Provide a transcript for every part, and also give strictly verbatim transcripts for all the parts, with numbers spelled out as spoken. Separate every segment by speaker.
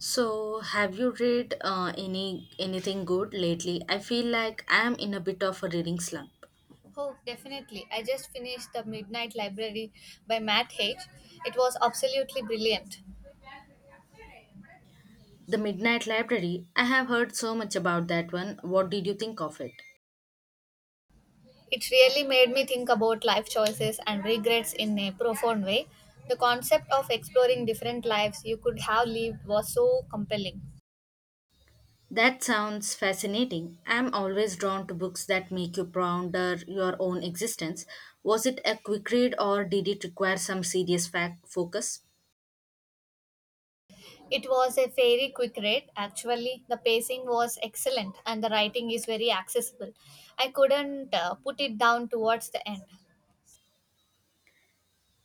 Speaker 1: So, have you read uh, any anything good lately? I feel like I am in a bit of a reading slump.
Speaker 2: Oh, definitely. I just finished The Midnight Library by Matt Haig. It was absolutely brilliant.
Speaker 1: The Midnight Library. I have heard so much about that one. What did you think of it?
Speaker 2: It really made me think about life choices and regrets in a profound way. The concept of exploring different lives you could have lived was so compelling.
Speaker 1: That sounds fascinating. I am always drawn to books that make you ponder your own existence. Was it a quick read or did it require some serious fact focus?
Speaker 2: It was a very quick read, actually. The pacing was excellent and the writing is very accessible. I couldn't uh, put it down towards the end.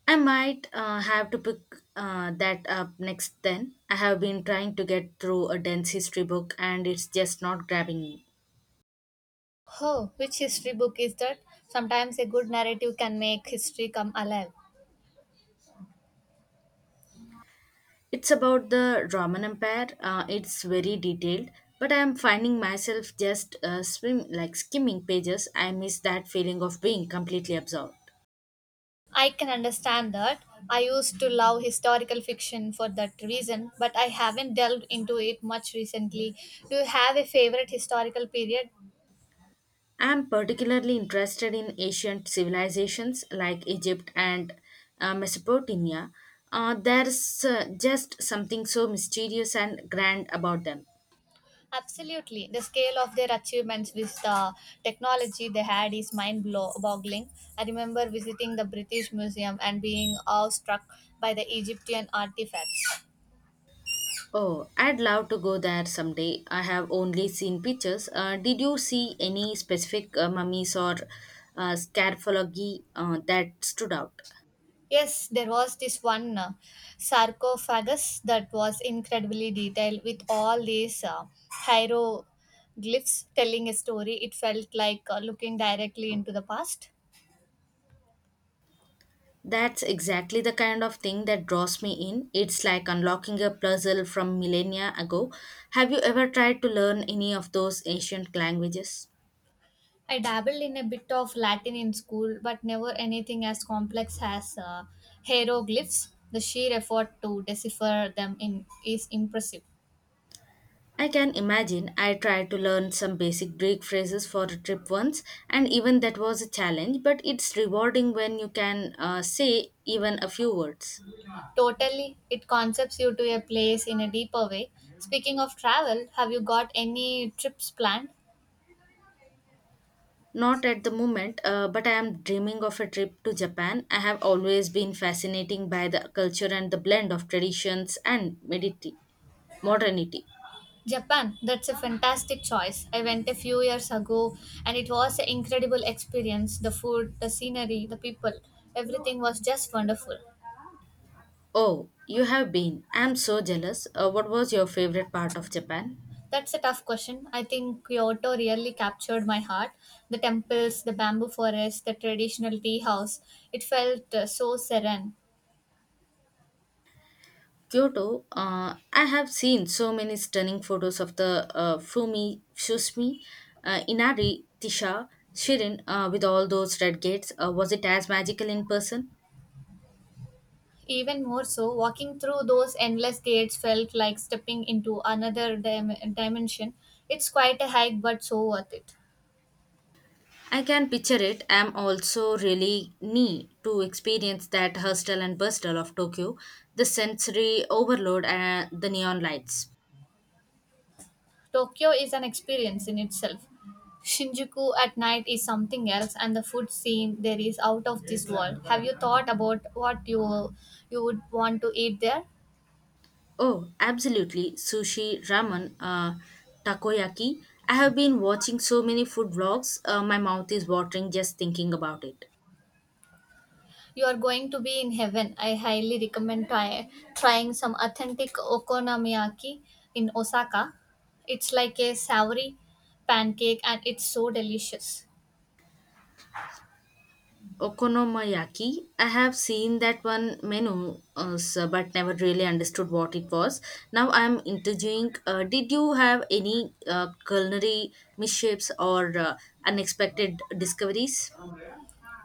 Speaker 1: I might uh, have to pick uh, that up next then. I have been trying to get through a dense history book and it's just not grabbing me.
Speaker 2: Oh, which history book is that? Sometimes a good narrative can make history come alive.
Speaker 1: It's about the Roman Empire. Uh, it's very detailed, but I am finding myself just uh, swim like skimming pages. I miss that feeling of being completely absorbed.
Speaker 2: I can understand that. I used to love historical fiction for that reason, but I haven't delved into it much recently. Do you have a favorite historical period?
Speaker 1: I am particularly interested in ancient civilizations like Egypt and uh, Mesopotamia. Uh, there's uh, just something so mysterious and grand about them.
Speaker 2: Absolutely. The scale of their achievements with the technology they had is mind blow- boggling. I remember visiting the British Museum and being awestruck by the Egyptian artifacts.
Speaker 1: Oh, I'd love to go there someday. I have only seen pictures. Uh, did you see any specific uh, mummies or uh, scarfologi uh, that stood out?
Speaker 2: Yes, there was this one uh, sarcophagus that was incredibly detailed with all these uh, hieroglyphs telling a story. It felt like uh, looking directly into the past.
Speaker 1: That's exactly the kind of thing that draws me in. It's like unlocking a puzzle from millennia ago. Have you ever tried to learn any of those ancient languages?
Speaker 2: I dabbled in a bit of Latin in school, but never anything as complex as uh, hieroglyphs. The sheer effort to decipher them in is impressive.
Speaker 1: I can imagine I tried to learn some basic Greek phrases for a trip once, and even that was a challenge, but it's rewarding when you can uh, say even a few words.
Speaker 2: Totally, it concepts you to a place in a deeper way. Speaking of travel, have you got any trips planned?
Speaker 1: Not at the moment, uh, but I am dreaming of a trip to Japan. I have always been fascinating by the culture and the blend of traditions and mediti- modernity.
Speaker 2: Japan, that's a fantastic choice. I went a few years ago and it was an incredible experience. The food, the scenery, the people, everything was just wonderful.
Speaker 1: Oh, you have been. I am so jealous. Uh, what was your favorite part of Japan?
Speaker 2: That's a tough question. I think Kyoto really captured my heart. The temples, the bamboo forest, the traditional tea house, it felt uh, so serene.
Speaker 1: Kyoto, uh, I have seen so many stunning photos of the uh, Fumi, Shusmi, uh, Inari, Tisha, Shirin uh, with all those red gates. Uh, was it as magical in person?
Speaker 2: Even more so, walking through those endless gates felt like stepping into another dim- dimension. It's quite a hike, but so worth it.
Speaker 1: I can picture it. I'm also really neat to experience that hustle and bustle of Tokyo, the sensory overload and the neon lights.
Speaker 2: Tokyo is an experience in itself. Shinjuku at night is something else, and the food scene there is out of this world. Have you thought about what you you would want to eat there?
Speaker 1: Oh, absolutely. Sushi, ramen, uh, takoyaki. I have been watching so many food vlogs. Uh, my mouth is watering just thinking about it.
Speaker 2: You are going to be in heaven. I highly recommend try, trying some authentic okonomiyaki in Osaka. It's like a savory pancake, and it's so delicious.
Speaker 1: Okonomiyaki, I have seen that one menu, uh, so- but never really understood what it was. Now I am interviewing. Uh, did you have any uh, culinary mishaps or uh, unexpected discoveries?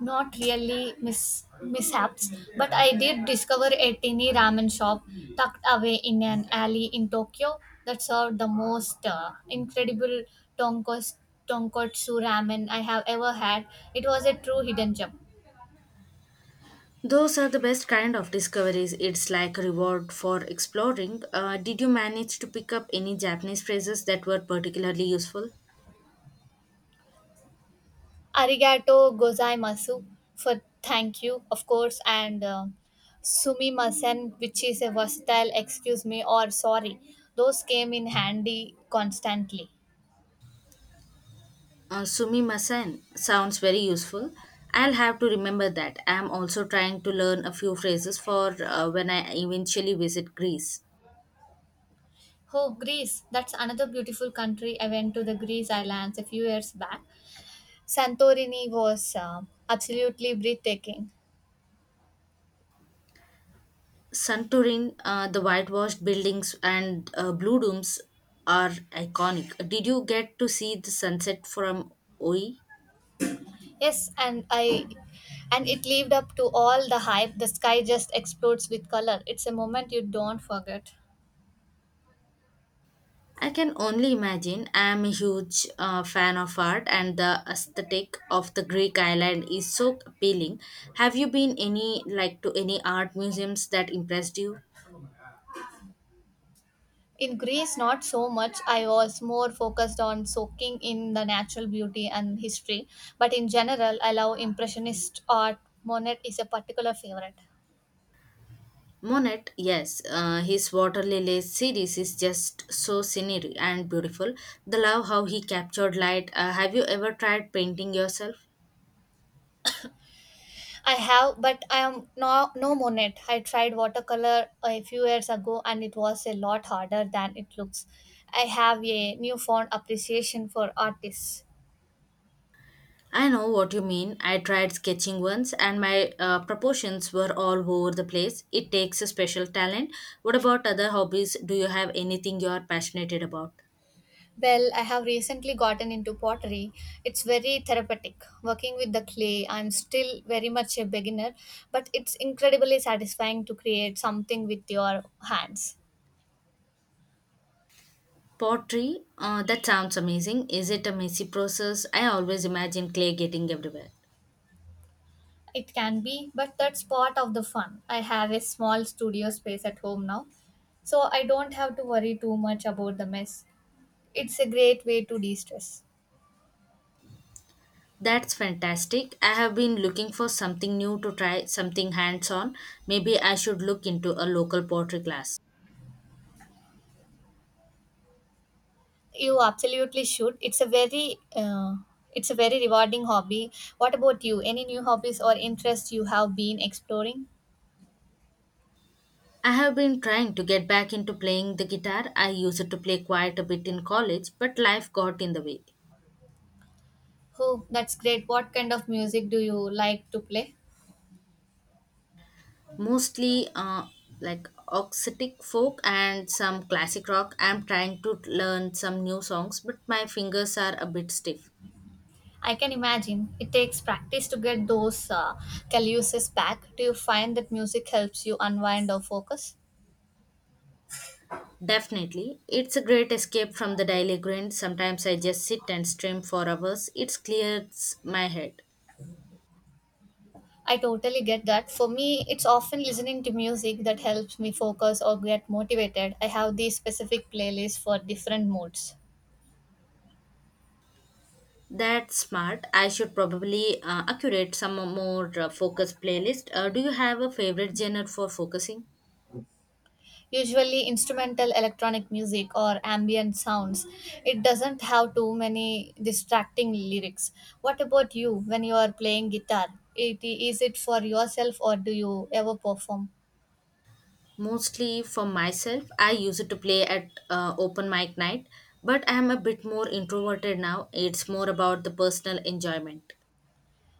Speaker 2: Not really mis- mishaps, but I did discover a tiny ramen shop tucked away in an alley in Tokyo that served the most uh, incredible tonkos- tonkotsu ramen I have ever had. It was a true hidden gem.
Speaker 1: Those are the best kind of discoveries. It's like a reward for exploring. Uh, did you manage to pick up any Japanese phrases that were particularly useful?
Speaker 2: Arigato gozaimasu for thank you, of course, and uh, sumimasen, which is a versatile excuse me or sorry. Those came in handy constantly.
Speaker 1: Uh, Sumimasen sounds very useful. I'll have to remember that. I'm also trying to learn a few phrases for uh, when I eventually visit Greece.
Speaker 2: Oh, Greece. That's another beautiful country. I went to the Greece islands a few years back. Santorini was uh, absolutely breathtaking.
Speaker 1: Santorin, uh, the whitewashed buildings and uh, blue domes are iconic. Did you get to see the sunset from Oi?
Speaker 2: Yes, and I and it lived up to all the hype. The sky just explodes with color. It's a moment you don't forget.
Speaker 1: I can only imagine. I am a huge uh, fan of art, and the aesthetic of the Greek island is so appealing. Have you been any like to any art museums that impressed you?
Speaker 2: In Greece, not so much. I was more focused on soaking in the natural beauty and history. But in general, I love Impressionist art. Monet is a particular favorite.
Speaker 1: Monet, yes, uh, his Water Lilies series is just so scenery and beautiful. The love how he captured light. Uh, have you ever tried painting yourself?
Speaker 2: I have, but I am no no monet. I tried watercolor a few years ago, and it was a lot harder than it looks. I have a newfound appreciation for artists.
Speaker 1: I know what you mean. I tried sketching once and my uh, proportions were all over the place. It takes a special talent. What about other hobbies? Do you have anything you are passionate about?
Speaker 2: Well, I have recently gotten into pottery. It's very therapeutic. Working with the clay, I'm still very much a beginner, but it's incredibly satisfying to create something with your hands.
Speaker 1: Pottery? Uh, that sounds amazing. Is it a messy process? I always imagine clay getting everywhere.
Speaker 2: It can be, but that's part of the fun. I have a small studio space at home now, so I don't have to worry too much about the mess. It's a great way to de-stress.
Speaker 1: That's fantastic. I have been looking for something new to try, something hands on. Maybe I should look into a local pottery class.
Speaker 2: You absolutely should. It's a very uh, it's a very rewarding hobby. What about you? Any new hobbies or interests you have been exploring?
Speaker 1: I have been trying to get back into playing the guitar. I used to play quite a bit in college, but life got in the way.
Speaker 2: Oh, that's great. What kind of music do you like to play?
Speaker 1: Mostly uh, like Occitic folk and some classic rock. I'm trying to learn some new songs, but my fingers are a bit stiff.
Speaker 2: I can imagine it takes practice to get those uh, calluses back. Do you find that music helps you unwind or focus?
Speaker 1: Definitely. It's a great escape from the daily grind. Sometimes I just sit and stream for hours. It clears my head.
Speaker 2: I totally get that. For me, it's often listening to music that helps me focus or get motivated. I have these specific playlists for different moods.
Speaker 1: That's smart. I should probably uh, accurate some more uh, focus playlist. Uh, do you have a favorite genre for focusing?
Speaker 2: Usually, instrumental electronic music or ambient sounds. It doesn't have too many distracting lyrics. What about you when you are playing guitar? It, is it for yourself or do you ever perform?
Speaker 1: Mostly for myself, I used to play at uh, open mic night, but I am a bit more introverted now. It's more about the personal enjoyment.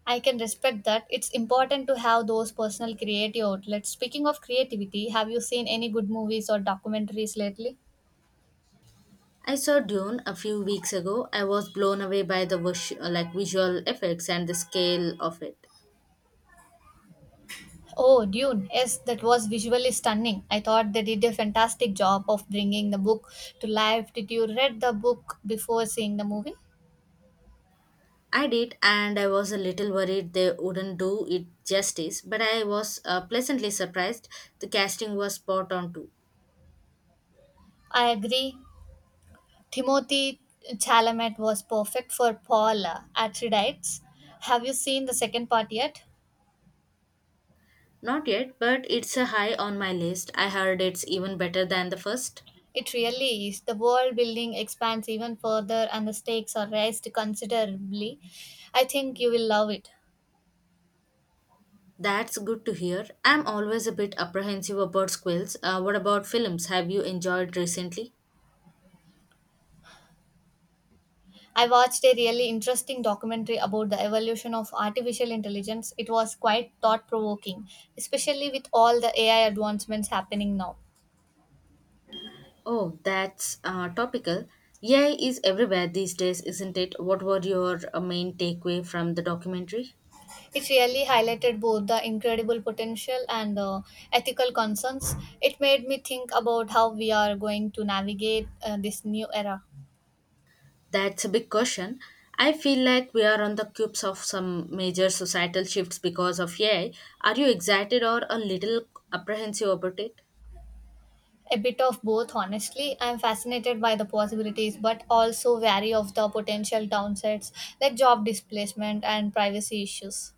Speaker 2: I can respect that. It's important to have those personal creative outlets. Speaking of creativity, have you seen any good movies or documentaries lately?
Speaker 1: I saw Dune a few weeks ago. I was blown away by the vis- like visual effects and the scale of it.
Speaker 2: Oh, Dune. Yes, that was visually stunning. I thought they did a fantastic job of bringing the book to life. Did you read the book before seeing the movie?
Speaker 1: I did, and I was a little worried they wouldn't do it justice, but I was uh, pleasantly surprised. The casting was spot on too.
Speaker 2: I agree. Timothy Chalamet was perfect for Paul uh, Atreides. Have you seen the second part yet?
Speaker 1: Not yet, but it's a high on my list. I heard it's even better than the first.
Speaker 2: It really is. The world building expands even further and the stakes are raised considerably. I think you will love it.
Speaker 1: That's good to hear. I'm always a bit apprehensive about squills. Uh, what about films? Have you enjoyed recently?
Speaker 2: I watched a really interesting documentary about the evolution of artificial intelligence. It was quite thought provoking, especially with all the A I advancements happening now.
Speaker 1: Oh, that's uh, topical. A I is everywhere these days, isn't it? What were your uh, main takeaway from the documentary?
Speaker 2: It really highlighted both the incredible potential and the ethical concerns. It made me think about how we are going to navigate uh, this new era.
Speaker 1: That's a big question. I feel like we are on the cusp of some major societal shifts because of A I. Are you excited or a little apprehensive about it?
Speaker 2: A bit of both, honestly. I'm fascinated by the possibilities, but also wary of the potential downsides like job displacement and privacy issues.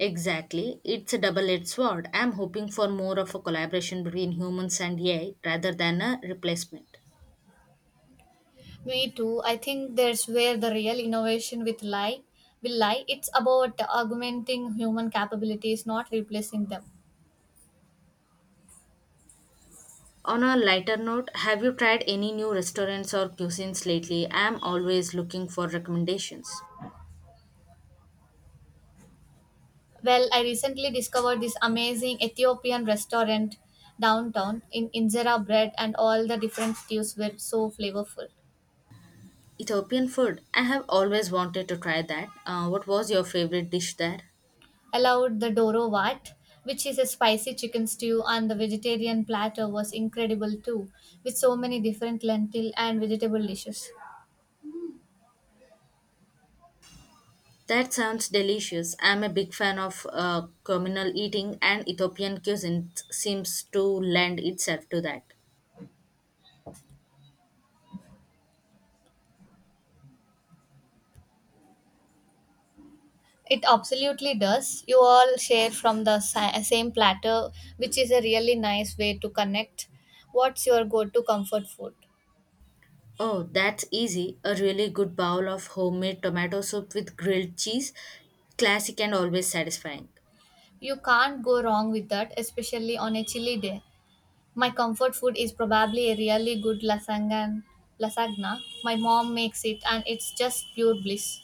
Speaker 1: Exactly. It's a double edged sword. I'm hoping for more of a collaboration between humans and A I rather than a replacement.
Speaker 2: Me too. I think that's where the real innovation with lie will lie. It's about augmenting human capabilities, not replacing them.
Speaker 1: On a lighter note, have you tried any new restaurants or cuisines lately? I'm always looking for recommendations.
Speaker 2: Well, I recently discovered this amazing Ethiopian restaurant downtown in injera bread and all the different stews were so flavorful.
Speaker 1: Ethiopian food. I have always wanted to try that. Uh, what was your favorite dish there?
Speaker 2: I loved the Doro Wat, which is a spicy chicken stew, and the vegetarian platter was incredible too, with so many different lentil and vegetable dishes.
Speaker 1: That sounds delicious. I'm a big fan of uh, communal eating, and Ethiopian cuisine seems to lend itself to that.
Speaker 2: It absolutely does. You all share from the sa- same platter, which is a really nice way to connect. What's your go to comfort food?
Speaker 1: Oh, that's easy. A really good bowl of homemade tomato soup with grilled cheese. Classic and always satisfying.
Speaker 2: You can't go wrong with that, especially on a chilly day. My comfort food is probably a really good lasagna. lasagna. My mom makes it, and it's just pure bliss.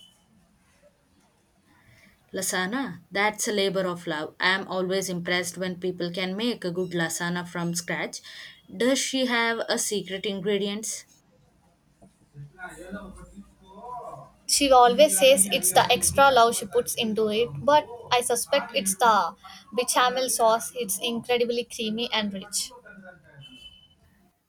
Speaker 1: Lasagna, that's a labor of love. I am always impressed when people can make a good lasagna from scratch. Does she have a secret ingredients?
Speaker 2: She always says it's the extra love she puts into it, but I suspect it's the bechamel sauce. It's incredibly creamy and rich.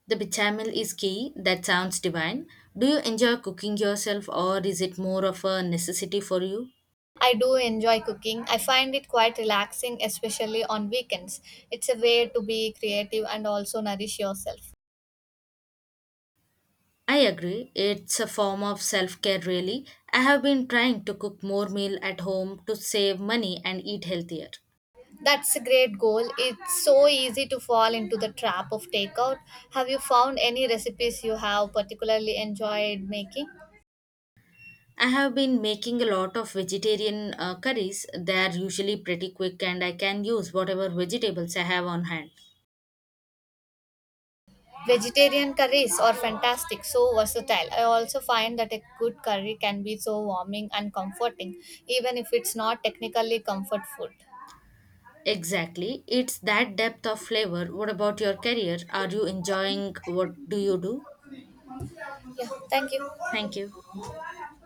Speaker 1: The bechamel is key. That sounds divine. Do you enjoy cooking yourself or is it more of a necessity for you?
Speaker 2: I do enjoy cooking. I find it quite relaxing, especially on weekends. It's a way to be creative and also nourish yourself.
Speaker 1: I agree. It's a form of self care, really. I have been trying to cook more meal at home to save money and eat healthier.
Speaker 2: That's a great goal. It's so easy to fall into the trap of takeout. Have you found any recipes you have particularly enjoyed making?
Speaker 1: I have been making a lot of vegetarian uh, curries. They are usually pretty quick and I can use whatever vegetables I have on hand.
Speaker 2: Vegetarian curries are fantastic, so versatile. I also find that a good curry can be so warming and comforting, even if it's not technically comfort food.
Speaker 1: Exactly. It's that depth of flavor. What about your career? Are you enjoying what do you do?
Speaker 2: Yeah, thank you.
Speaker 1: Thank you.